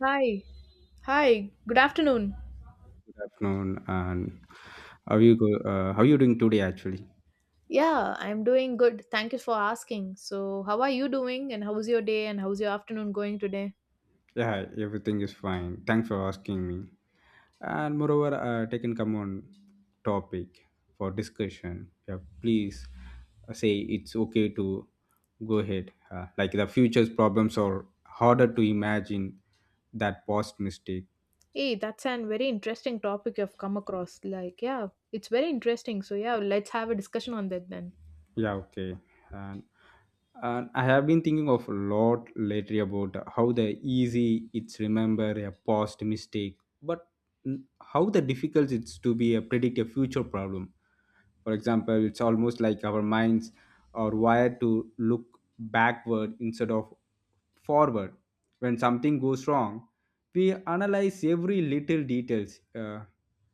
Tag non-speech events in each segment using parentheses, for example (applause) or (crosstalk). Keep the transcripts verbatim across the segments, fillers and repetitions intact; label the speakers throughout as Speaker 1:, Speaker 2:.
Speaker 1: Hi. Hi. Good afternoon.
Speaker 2: Good afternoon, and how you go? Uh, how you doing today? Actually,
Speaker 1: Yeah, I'm doing good. Thank you for asking. So, how are you doing and how's your day and how's your afternoon going today?
Speaker 2: yeah, everything is fine. Thanks for asking me. And moreover, uh, taken come on topic for discussion. Yeah, please uh, say it's okay to go ahead. Uh, like the future's problems are harder to imagine that past mistake.
Speaker 1: Hey, that's an very interesting topic you've come across. Like, yeah, it's very interesting. So, yeah, let's have a discussion on that then.
Speaker 2: Yeah, okay. And, and I have been thinking of a lot lately about how the easy it's remember a past mistake, but n- how the difficult it's to be a predict a future problem. For example, it's almost like our minds are wired to look backward instead of forward. When something goes wrong, we analyze every little details, uh,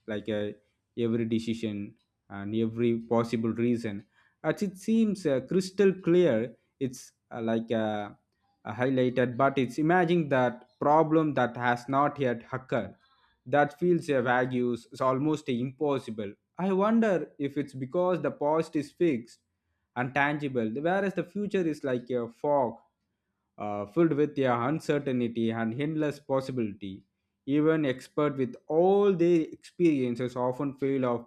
Speaker 2: like uh, every decision and every possible reason as it seems uh, crystal clear it's uh, like uh, uh, highlighted, but it's imagining that problem that has not yet occurred, that feels a vague is almost impossible. I wonder if it's because the past is fixed and tangible, whereas the future is like a fog uh, filled with, yeah, uncertainty and endless possibility. Even expert with all their experiences often fail of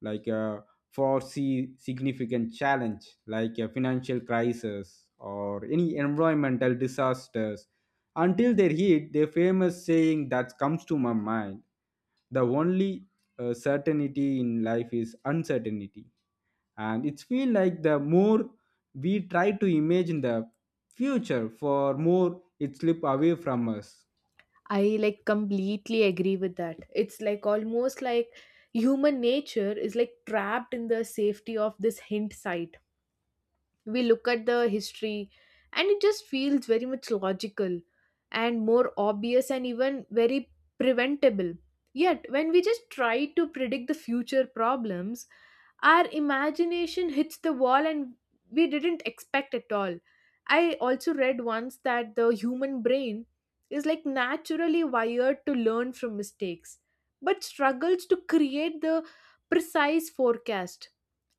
Speaker 2: like a foresee significant challenge like a financial crisis or any environmental disasters. Until they hit, the famous saying that comes to my mind: the only uh, certainty in life is uncertainty. And it feels like the more we try to imagine the future, for more it slip away from us.
Speaker 1: I like completely agree with that. It's like almost like human nature is like trapped in the safety of this hint site. We look at the history and it just feels very much logical and more obvious and even very preventable. Yet when we just try to predict the future problems, our imagination hits the wall and we didn't expect at all. I also read once that the human brain is like naturally wired to learn from mistakes but struggles to create the precise forecast.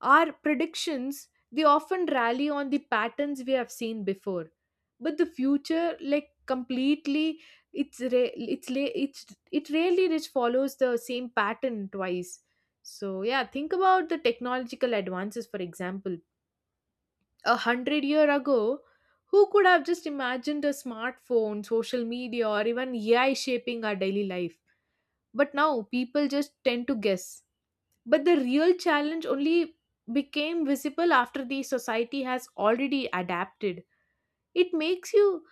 Speaker 1: Our predictions, they often rally on the patterns we have seen before. But the future, like completely, it's re- it's la- it's it really just follows the same pattern twice. So yeah, think about the technological advances. For example, a hundred year ago, who could have just imagined a smartphone, social media, or even A I shaping our daily life? But now people just tend to guess. But the real challenge only became visible after the society has already adapted. It makes you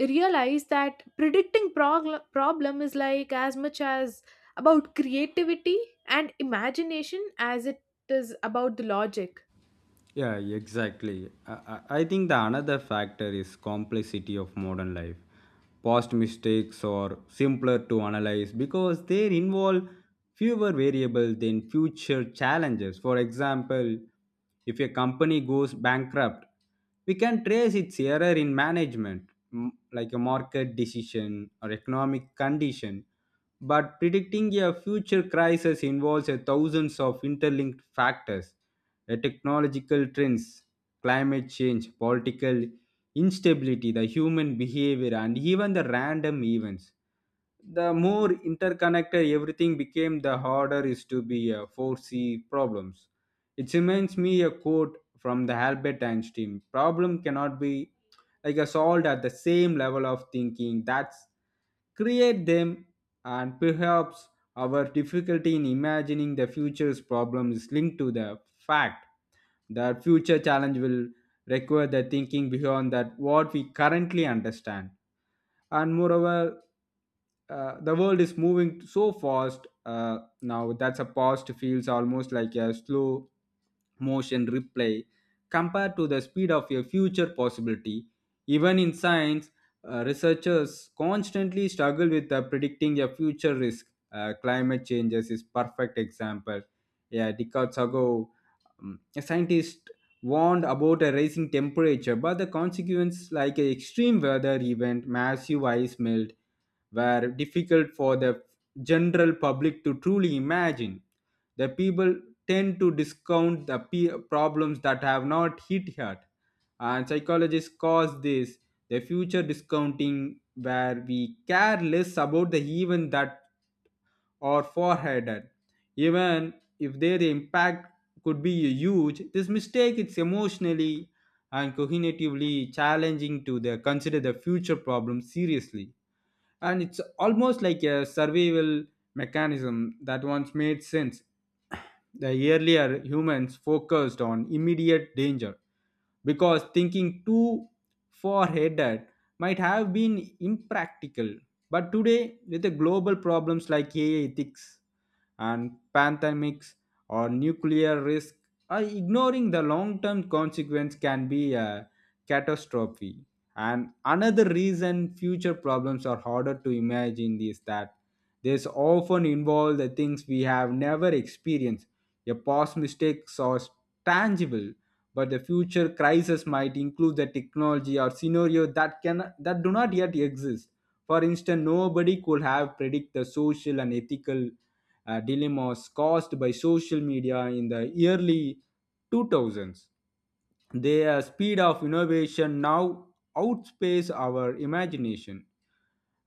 Speaker 1: realize that predicting progl- problem is like as much as about creativity and imagination as it is about the logic.
Speaker 2: Yeah, exactly. I, I I think the another factor is complexity of modern life. Past mistakes are simpler to analyze because they involve fewer variables than future challenges. For example, if a company goes bankrupt, we can trace its error in management, m- like a market decision or economic condition. But predicting a future crisis involves a thousands of interlinked factors: uh, technological trends, climate change, political instability, the human behavior, and even the random events. The more interconnected everything became, the harder is to be uh, foresee problems. It reminds me a quote from the Albert Einstein: "Problem cannot be like a solved at the same level of thinking that's create them." And perhaps our difficulty in imagining the future's problem is linked to the fact that future challenge will require the thinking beyond that what we currently understand. And moreover, uh, the world is moving so fast uh, now that's a past feels almost like a slow motion replay compared to the speed of your future possibility. Even in science, uh, researchers constantly struggle with uh, predicting a future risk. Uh, climate changes is perfect example. Yeah, decades ago, um, scientists warned about a rising temperature, but the consequence, like an extreme weather event, massive ice melt, were difficult for the general public to truly imagine. The people tend to discount the pe- problems that have not hit yet, and psychologists cause this the future discounting, where we care less about the event that or foreheaded. Even if their impact could be huge, this mistake is emotionally and cognitively challenging to the, consider the future problem seriously. And it's almost like a survival mechanism that once made sense. The earlier humans focused on immediate danger because thinking too far ahead might have been impractical. But today, with the global problems like AI ethics and pandemics or nuclear risk, uh, ignoring the long term consequence can be a catastrophe. And another reason future problems are harder to imagine is that this often involve the things we have never experienced. Your past mistakes are tangible, but the future crisis might include the technology or scenario that can that do not yet exist. For instance, nobody could have predict the social and ethical uh, dilemmas caused by social media in the early two thousands. Their speed of innovation now outpaces our imagination.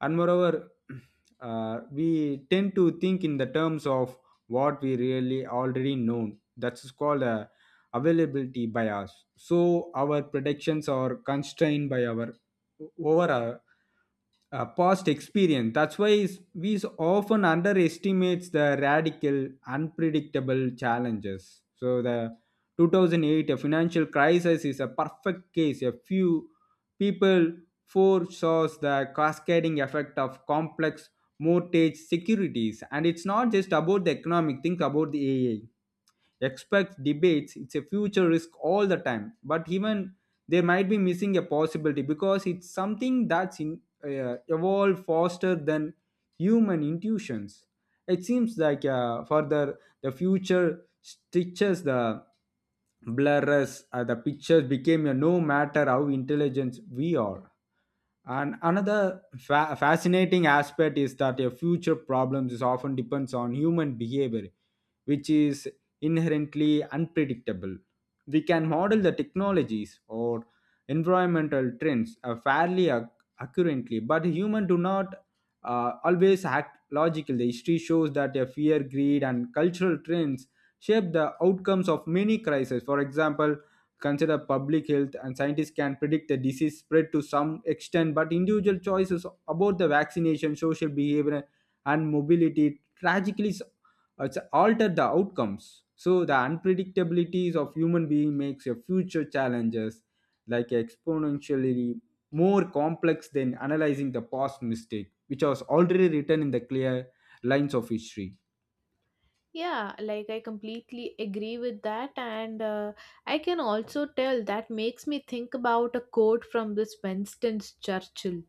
Speaker 2: And moreover, (clears throat) uh, we tend to think in the terms of what we really already know. That's called a availability bias. So our predictions are constrained by our over our uh, past experience. That's why is- we s- often underestimates the radical, unpredictable challenges. So the two thousand eight a financial crisis is a perfect case. A few people foresaw the cascading effect of complex mortgage securities. And it's not just about the economic, think about the A I expects debates it's a future risk all the time, but even they might be missing a possibility because it's something that's in, uh, evolved faster than human intuitions. It seems like uh, further the future stitches the blurs uh, the pictures became a no matter how intelligent we are. And another fa- fascinating aspect is that your future problems is often depends on human behavior, which is inherently unpredictable. We can model the technologies or environmental trends uh, fairly ac- accurately, but humans do not uh, always act logically. The history shows that a fear, greed, and cultural trends shape the outcomes of many crises. For example, consider public health, and scientists can predict the disease spread to some extent, but individual choices about the vaccination, social behavior, and mobility tragically it's alter the outcomes. So the unpredictabilities of human being makes your future challenges like exponentially more complex than analyzing the past mistake, which was already written in the clear lines of history.
Speaker 1: Yeah, like I completely agree with that, and uh, I can also tell that makes me think about a quote from this Winston Churchill.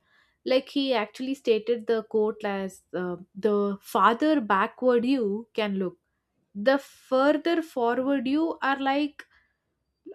Speaker 1: Like he actually stated the quote as uh, the farther backward you can look, the further forward you are like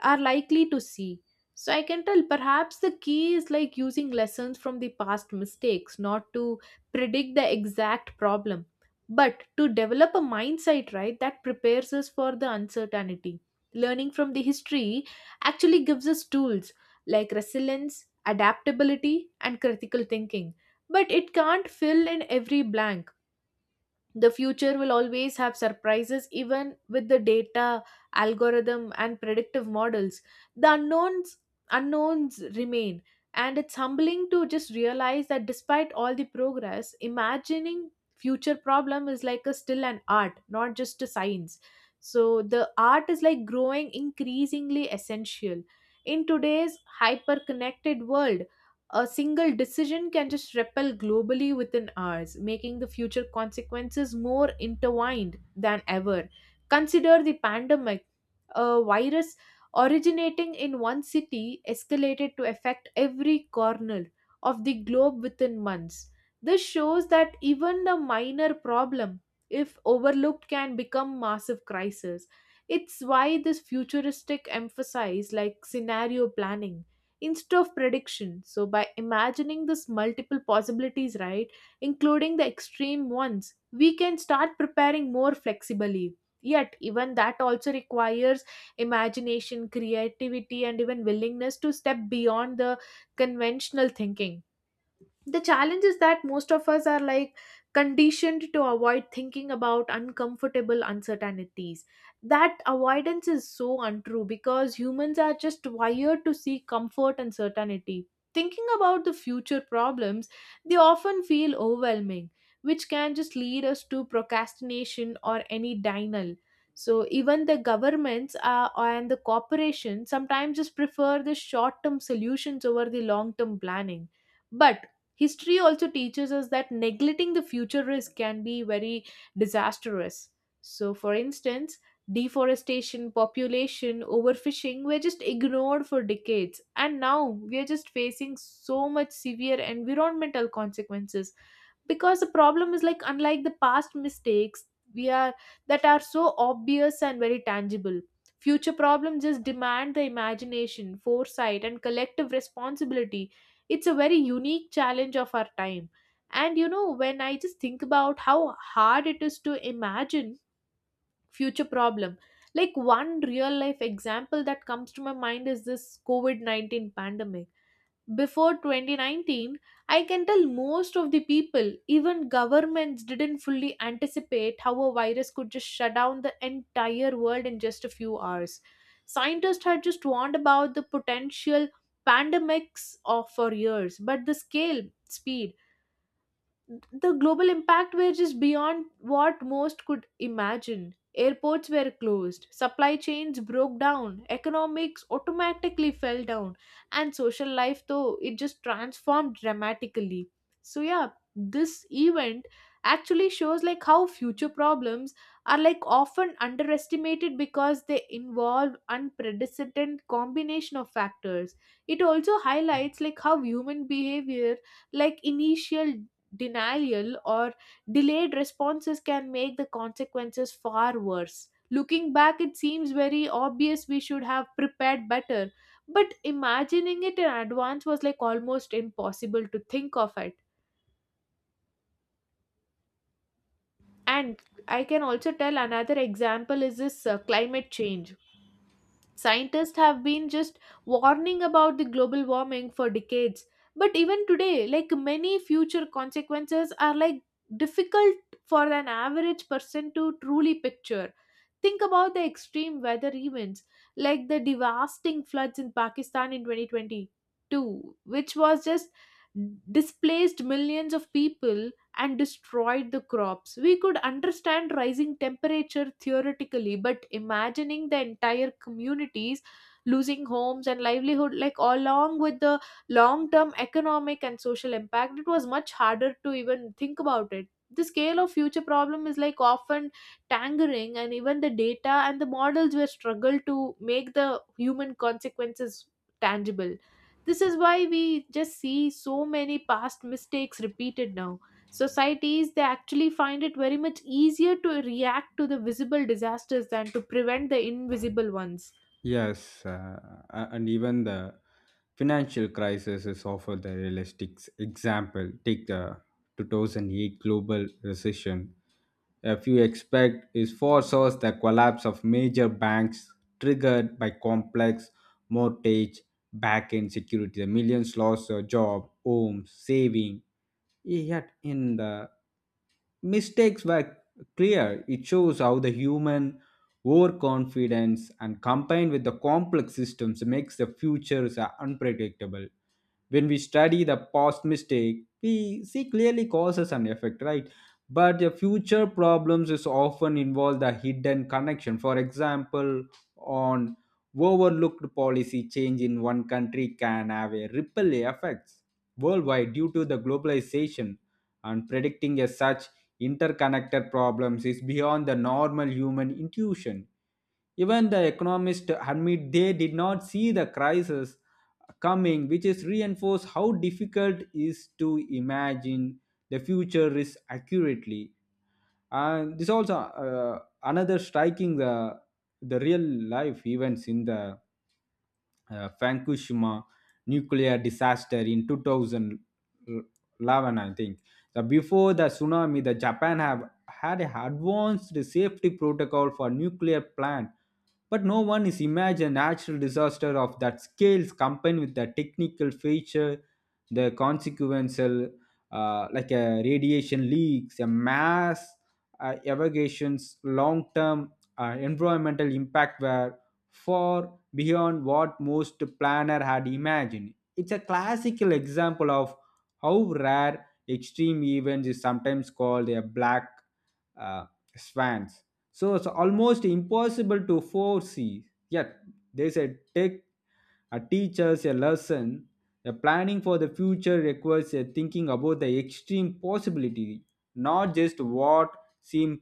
Speaker 1: are likely to see. So I can tell perhaps the key is like using lessons from the past mistakes, not to predict the exact problem, but to develop a mindset, right, that prepares us for the uncertainty. Learning from the history actually gives us tools like resilience, adaptability, and critical thinking, but it can't fill in every blank. The future will always have surprises even with the data, algorithm and predictive models. The unknowns unknowns remain, and it's humbling to just realize that despite all the progress, imagining future problem is like a still an art, not just a science. So the art is like growing increasingly essential in today's hyper connected world. A single decision can just repel globally within hours, making the future consequences more intertwined than ever. Consider the pandemic. A virus originating in one city escalated to affect every corner of the globe within months. This shows that even a minor problem, if overlooked, can become massive crisis. It's why this futuristic emphasis like scenario planning instead of prediction. So, by imagining this multiple possibilities, right, including the extreme ones, we can start preparing more flexibly. Yet, even that also requires imagination, creativity, and even willingness to step beyond the conventional thinking. The challenge is that most of us are like conditioned to avoid thinking about uncomfortable uncertainties. That avoidance is so untrue because humans are just wired to seek comfort and certainty. Thinking about the future problems, they often feel overwhelming, which can just lead us to procrastination or any denial. So even the governments uh, and the corporations sometimes just prefer the short term solutions over the long term planning. But history also teaches us that neglecting the future risk can be very disastrous. So, for instance, deforestation, population, overfishing were just ignored for decades, and now we are just facing so much severe environmental consequences because the problem is like, unlike the past mistakes we are, that are so obvious and very tangible, future problems just demand the imagination, foresight and collective responsibility. It's a very unique challenge of our time. And you know when I just think about how hard it is to imagine future problem, like one real life example that comes to my mind is this covid nineteen pandemic. Before twenty nineteen, I can tell most of the people, even governments, didn't fully anticipate how a virus could just shut down the entire world in just a few hours. Scientists had just warned about the potential pandemics of for years, but the scale, speed, the global impact were just beyond what most could imagine. Airports were closed, supply chains broke down, economics automatically fell down, and social life, though, it just transformed dramatically. So, yeah, this event actually shows like how future problems are like often underestimated because they involve unprecedented combination of factors. It also highlights like how human behavior, like initial denial or delayed responses, can make the consequences far worse. Looking back, it seems very obvious we should have prepared better, but imagining it in advance was like almost impossible to think of it. And I can also tell another example is this uh, climate change. Scientists have been just warning about the global warming for decades. But even today, like many future consequences are like difficult for an average person to truly picture. Think about the extreme weather events like the devastating floods in Pakistan in twenty twenty-two, which was just displaced millions of people and destroyed the crops. We could understand rising temperature theoretically, but imagining the entire communities losing homes and livelihood, like along with the long term economic and social impact, it was much harder to even think about it. The scale of future problem is like often tangering, and even the data and the models were struggled to make the human consequences tangible. This is why we just see so many past mistakes repeated now. Societies, they actually find it very much easier to react to the visible disasters than to prevent the invisible ones.
Speaker 2: Yes, uh, a- and even the financial crisis is offer the realistic example. Take the two thousand eight global recession. A few expect is foresaw the collapse of major banks triggered by complex mortgage back-end security. The millions lost their job, homes, saving. Yet in the mistakes were clear. It shows how the human overconfidence and combined with the complex systems makes the futures are unpredictable. When we study the past mistake, we see clearly causes and effect, right? But the future problems is often involve the hidden connection. For example, on overlooked policy change in one country can have a ripple effects worldwide due to the globalization, and predicting as such interconnected problems is beyond the normal human intuition. Even the economists admit they did not see the crisis coming, which is reinforced how difficult it is to imagine the future risk accurately. And this also, uh, another striking the the real life events in the uh, Fukushima nuclear disaster in two thousand eleven, I think. So before the tsunami, the Japan have had a advanced safety protocol for nuclear plant, but no one is imagine natural disaster of that scales combined with the technical feature. The consequential uh, like a radiation leaks, a mass uh, evacuations, long-term uh, environmental impact were far beyond what most planner had imagined. It's a classical example of how rare extreme events is sometimes called a black uh, swans. So it's almost impossible to foresee. Yet there's a tech a teacher's a lesson. The planning for the future requires a thinking about the extreme possibility, not just what seem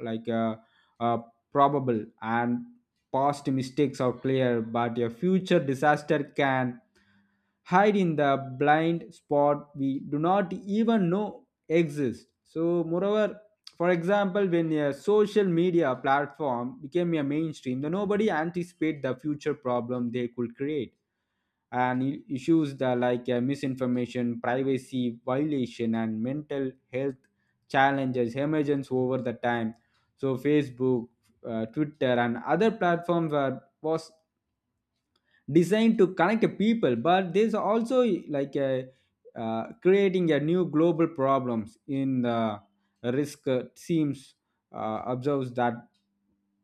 Speaker 2: like a, a probable. And past mistakes are clear, but a future disaster can hide in the blind spot we do not even know exist. So moreover, for example, when a social media platform became a mainstream, then nobody anticipate the future problem they could create. And i- issues that like uh, misinformation, privacy violation, and mental health challenges emergence over the time. So Facebook, uh, Twitter, and other platforms are was designed to connect people, but there's also like a, uh, creating a new global problems in the risk uh, seems uh, observes that.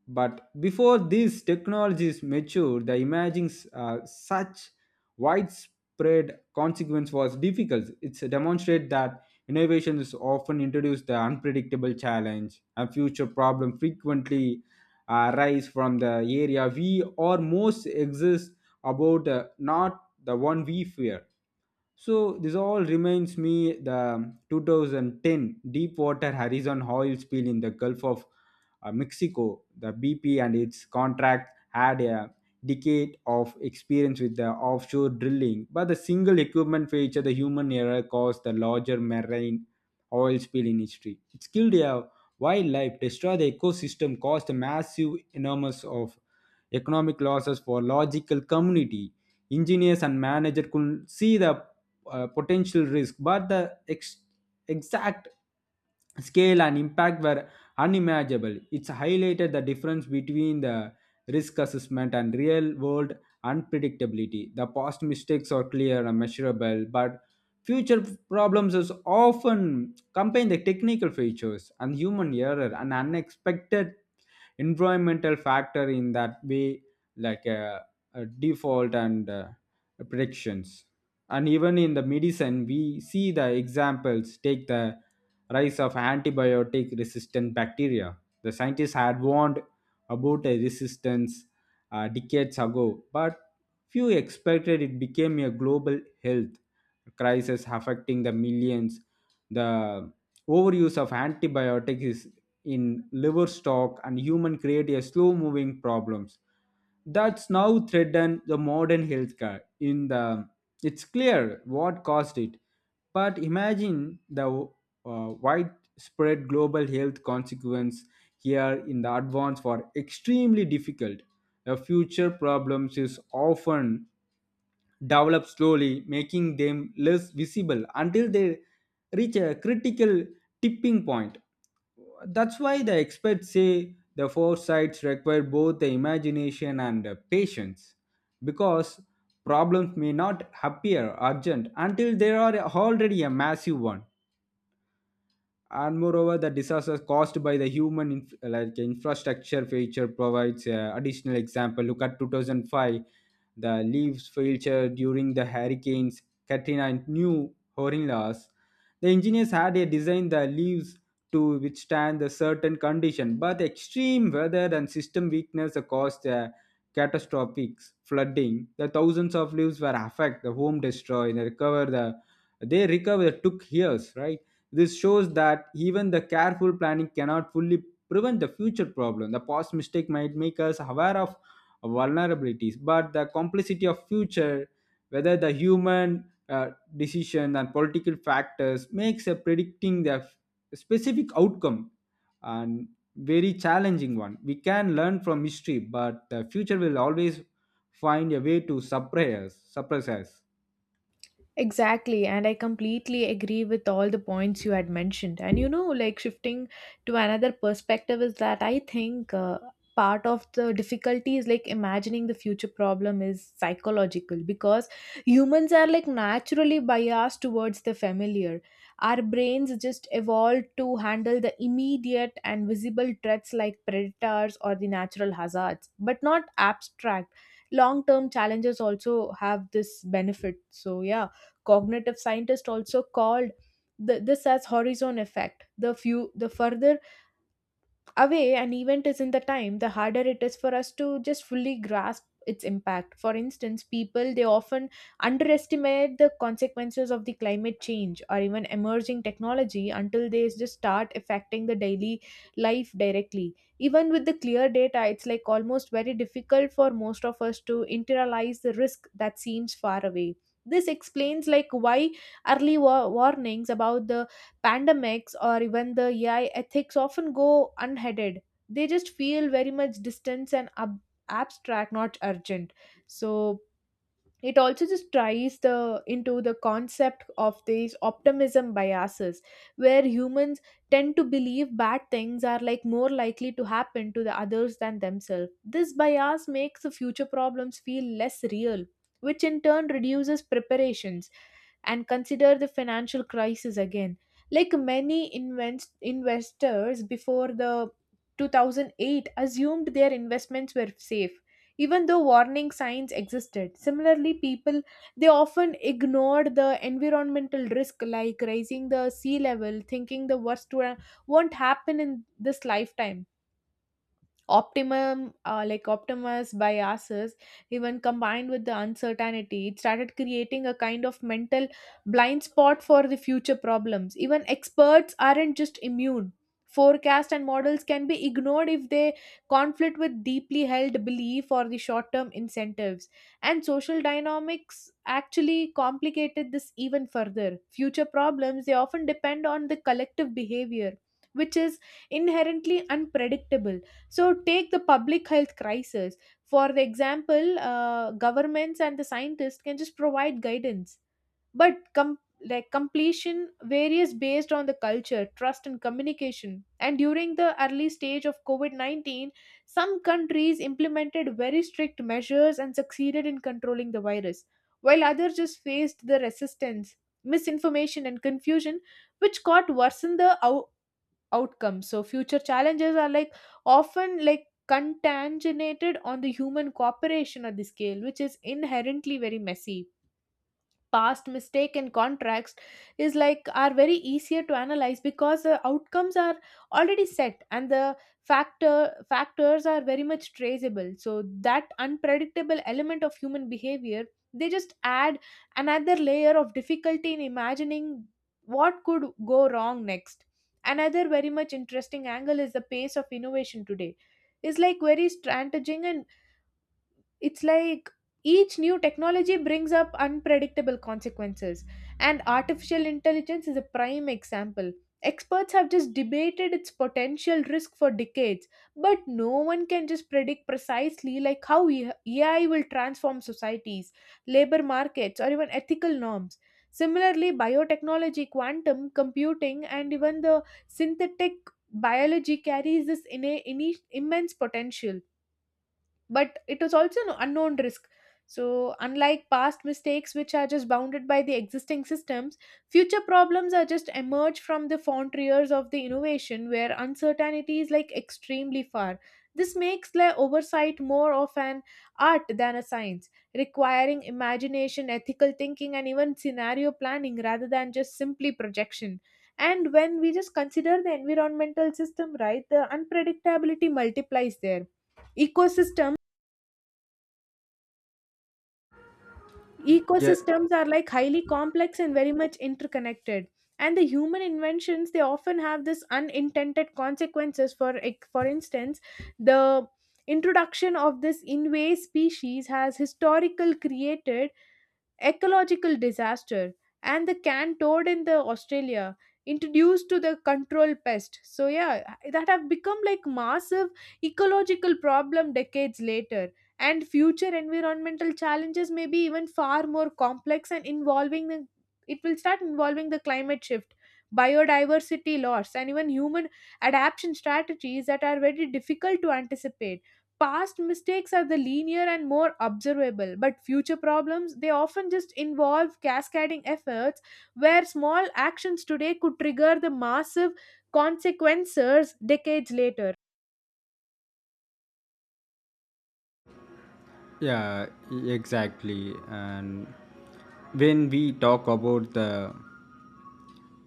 Speaker 2: But before these technologies matured, the imaging's uh, such widespread consequence was difficult. It's demonstrate that innovation is often introduced the unpredictable challenge. A future problem frequently uh, arise from the area we or most exist about, uh, not the one we fear. So this all reminds me the twenty ten Deepwater Horizon oil spill in the Gulf of uh, Mexico. The B P and its contract had a decade of experience with the offshore drilling, but the single equipment failure, the human error, caused the larger marine oil spill in history. It killed a wildlife, destroyed the ecosystem, caused a massive, enormous of economic losses for logical community. Engineers and managers could see the uh, potential risk, but the ex- exact scale and impact were unimaginable. It's highlighted the difference between the risk assessment and real world unpredictability. The past mistakes are clear and measurable, but future problems is often combine the technical features and human error and unexpected environmental factor in that way like a, a default. And uh, predictions, and even in the medicine, we see the examples. Take the rise of antibiotic resistant bacteria. The scientists had warned about a resistance uh, decades ago, but few expected it became a global health crisis affecting the millions. The overuse of antibiotics is in livestock and human create a slow moving problems that's now threaten the modern healthcare in the it's clear what caused it, but imagine the uh, widespread global health consequence here in the advance for extremely difficult. The future problems is often develop slowly, making them less visible until they reach a critical tipping point. That's why the experts say the foresights require both the imagination and the patience because problems may not appear urgent until they are already a massive one. And moreover, the disasters caused by the human inf- like infrastructure failure provides uh, additional example. Look at two thousand five, the leaves failure during the hurricanes Katrina and New Orleans. The engineers had a design the leaves to withstand the certain condition, but extreme weather and system weakness caused uh, catastrophic flooding. The thousands of leaves were affected, the home destroyed, and recover the they recover took years, right? This shows that even the careful planning cannot fully prevent the future problem. The past mistake might make us aware of vulnerabilities, but the complexity of future, whether the human uh, decision and political factors, makes a predicting the f- specific outcome and very challenging one. We can learn from history, but the future will always find a way to suppress us. Suppress us.
Speaker 1: Exactly, and I completely agree with all the points you had mentioned. And you know, like shifting to another perspective is that I think uh, part of the difficulty is like imagining the future problem is psychological because humans are like naturally biased towards the familiar. Our brains just evolved to handle the immediate and visible threats like predators or the natural hazards, but not abstract. Long term challenges also have this benefit. So, yeah, cognitive scientists also called the, this as horizon effect. The few, the further away an event is in the time, the harder it is for us to just fully grasp its impact. For instance, people they often underestimate the consequences of the climate change or even emerging technology until they just start affecting the daily life directly. Even with the clear data, it's like almost very difficult for most of us to internalize the risk that seems far away. This explains like why early wa- warnings about the pandemics or even the A I ethics often go unheaded. They just feel very much distant and ab- abstract, not urgent. So it also just tries the into the concept of these optimism biases, where humans tend to believe bad things are like more likely to happen to the others than themselves. This bias makes the future problems feel less real, which in turn reduces preparations. And consider the financial crisis again, like many invest- investors before the two thousand eight assumed their investments were safe even though warning signs existed. Similarly, people they often ignored the environmental risk like rising the sea level, thinking the worst wa- won't happen in this lifetime. Optimum uh, like optimus biases, even combined with the uncertainty, it started creating a kind of mental blind spot for the future problems. Even experts aren't just immune. Forecast and models can be ignored if they conflict with deeply held belief or the short-term incentives. And social dynamics actually complicated this even further. Future problems, they often depend on the collective behavior which is inherently unpredictable. So take the public health crisis. For the example, uh, governments and the scientists can just provide guidance, but com- like completion varies based on the culture, trust, and communication. And during the early stage of COVID nineteen, some countries implemented very strict measures and succeeded in controlling the virus, while others just faced the resistance, misinformation, and confusion, which caught worsen the outcomes. So future challenges are like often like contaminated on the human cooperation at the scale which is inherently very messy. Past mistake and contracts is like are very easier to analyze because the outcomes are already set and the factor factors are very much traceable. So that unpredictable element of human behavior, they just add another layer of difficulty in imagining what could go wrong next. Another very much interesting angle is the pace of innovation today is like very strategic, and it's like each new technology brings up unpredictable consequences. And artificial intelligence is a prime example. Experts have just debated its potential risk for decades, but no one can just predict precisely like how A I will transform societies, labor markets or even ethical norms. Similarly, biotechnology, quantum computing and even the synthetic biology carries this inna- inni- immense potential, but it was also an unknown risk. So, unlike past mistakes which are just bounded by the existing systems, future problems are just emerge from the frontiers of the innovation where uncertainty is like extremely far. This makes like oversight more of an art than a science, requiring imagination, ethical thinking, and even scenario planning rather than just simply projection. And when we just consider the environmental system, right, the unpredictability multiplies there. ecosystems
Speaker 2: Yeah.
Speaker 1: Ecosystems are like highly complex and very much interconnected, and the human inventions, they often have this unintended consequences. For ex- for instance, the introduction of this invasive species has historical created ecological disaster. And the can toad in the australia, introduced to the control pest, so yeah that have become like massive ecological problem decades later. And future environmental challenges may be even far more complex and involving the, it will start involving the climate shift, biodiversity loss and even human adaptation strategies that are very difficult to anticipate. Past mistakes are the linear and more observable, but future problems, they often just involve cascading efforts where small actions today could trigger the massive consequences decades later.
Speaker 2: Yeah, e- exactly. And when we talk about the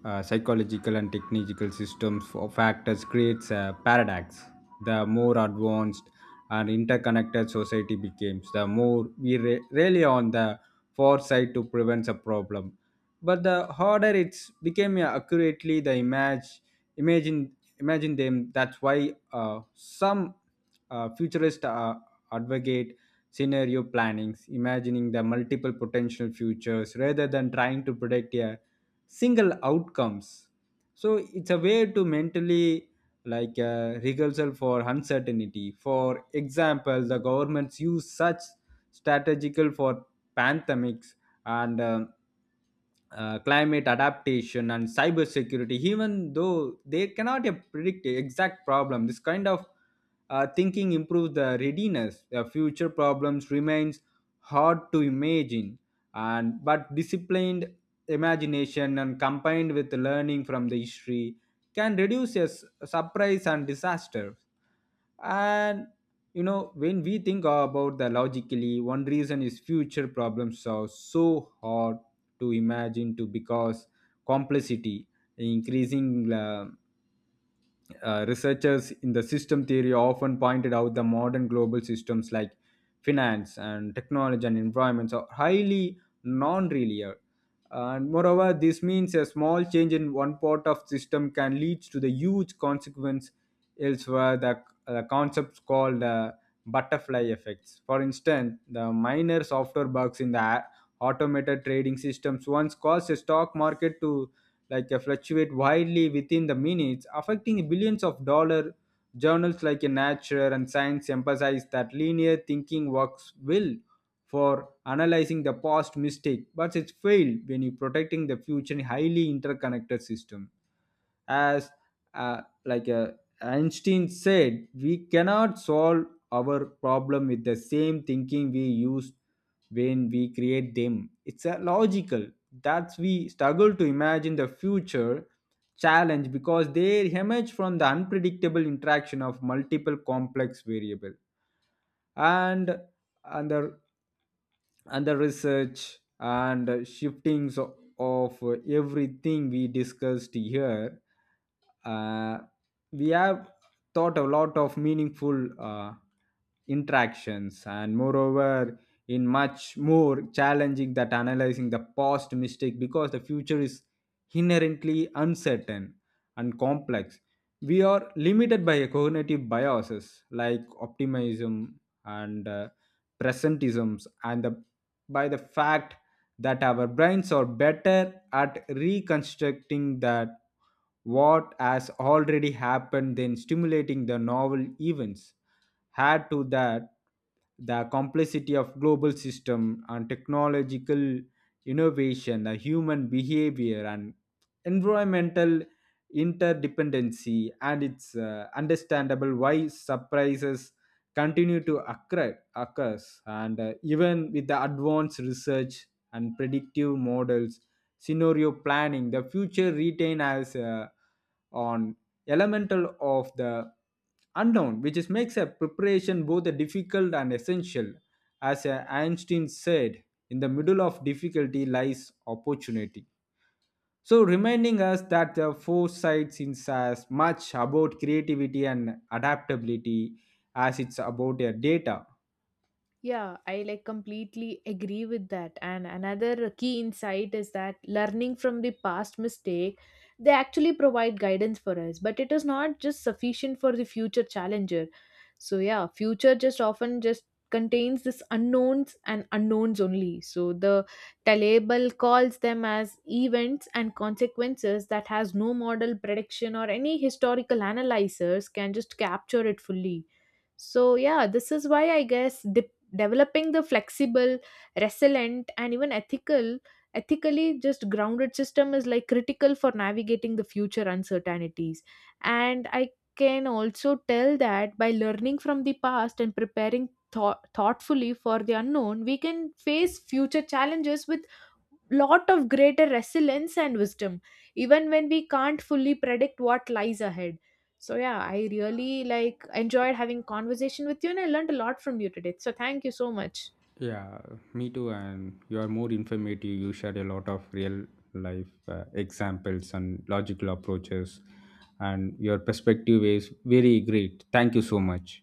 Speaker 2: uh, psychological and technological systems of factors creates a paradox. The more advanced and interconnected society becomes, the more we re- rely on the foresight to prevent a problem. But the harder it's became uh, accurately the image, imagine, imagine them. That's why uh, some uh, futurist uh, advocate scenario plannings, imagining the multiple potential futures rather than trying to predict a single outcomes. So it's a way to mentally like a rehearsal for uncertainty. For example, the governments use such strategical for pandemics and um, uh, climate adaptation and cybersecurity, even though they cannot uh, predict the exact problem. This kind of uh, thinking improves the readiness. The future problems remains hard to imagine, and but disciplined imagination and combined with learning from the history can reduce a s- surprise and disaster. And you know when we think about the logically one reason is future problems are so hard to imagine to because complexity increasing uh, uh, researchers in the system theory often pointed out the modern global systems like finance and technology and environments are highly non-linear. And moreover, this means a small change in one part of system can lead to the huge consequence elsewhere. The, the concepts called uh, butterfly effects. For instance, the minor software bugs in the a- automated trading systems once caused the stock market to like uh, fluctuate widely within the minutes, affecting billions of dollar journals like uh, Nature and Science emphasize that linear thinking works well for analyzing the past mistake, but it's failed when you protecting the future highly interconnected system. As uh, like uh, Einstein said, we cannot solve our problem with the same thinking we used when we create them. It's a logical. That's we struggle to imagine the future challenge because they emerge from the unpredictable interaction of multiple complex variable and and the and the research and shiftings of everything we discussed here. uh, we have thought a lot of meaningful uh, interactions and moreover in much more challenging that analyzing the past mistake because the future is inherently uncertain and complex. We are limited by cognitive biases like optimism and uh, presentisms and the by the fact that our brains are better at reconstructing that what has already happened than stimulating the novel events. Add to that the complexity of global system and technological innovation, the human behavior and environmental interdependency, and it's uh, understandable why surprises continue to occur, occurs. And uh, even with the advanced research and predictive models, scenario planning, the future retain as uh, on elemental of the unknown, which is makes a preparation both a difficult and essential. As uh, Einstein said, in the middle of difficulty lies opportunity. So, reminding us that the foresight is as much about creativity and adaptability as it's about their data.
Speaker 1: Yeah, I like completely agree with that. And another key insight is that learning from the past mistake, they actually provide guidance for us, but it is not just sufficient for the future challenger. So yeah, future just often just contains this unknowns and unknowns only. So the Talable calls them as events and consequences that has no model prediction or any historical analyzers can just capture it fully. So yeah, this is why I guess developing the flexible, resilient and even ethical ethically just grounded system is like critical for navigating the future uncertainties. And I can also tell that by learning from the past and preparing thought thoughtfully for the unknown, we can face future challenges with lot of greater resilience and wisdom, even when we can't fully predict what lies ahead. So yeah, I really like enjoyed having conversation with you and I learned a lot from you today. So thank you so much.
Speaker 2: Yeah, me too. And you are more informative. You shared a lot of real life uh, examples and logical approaches, and your perspective is very great. Thank you so much.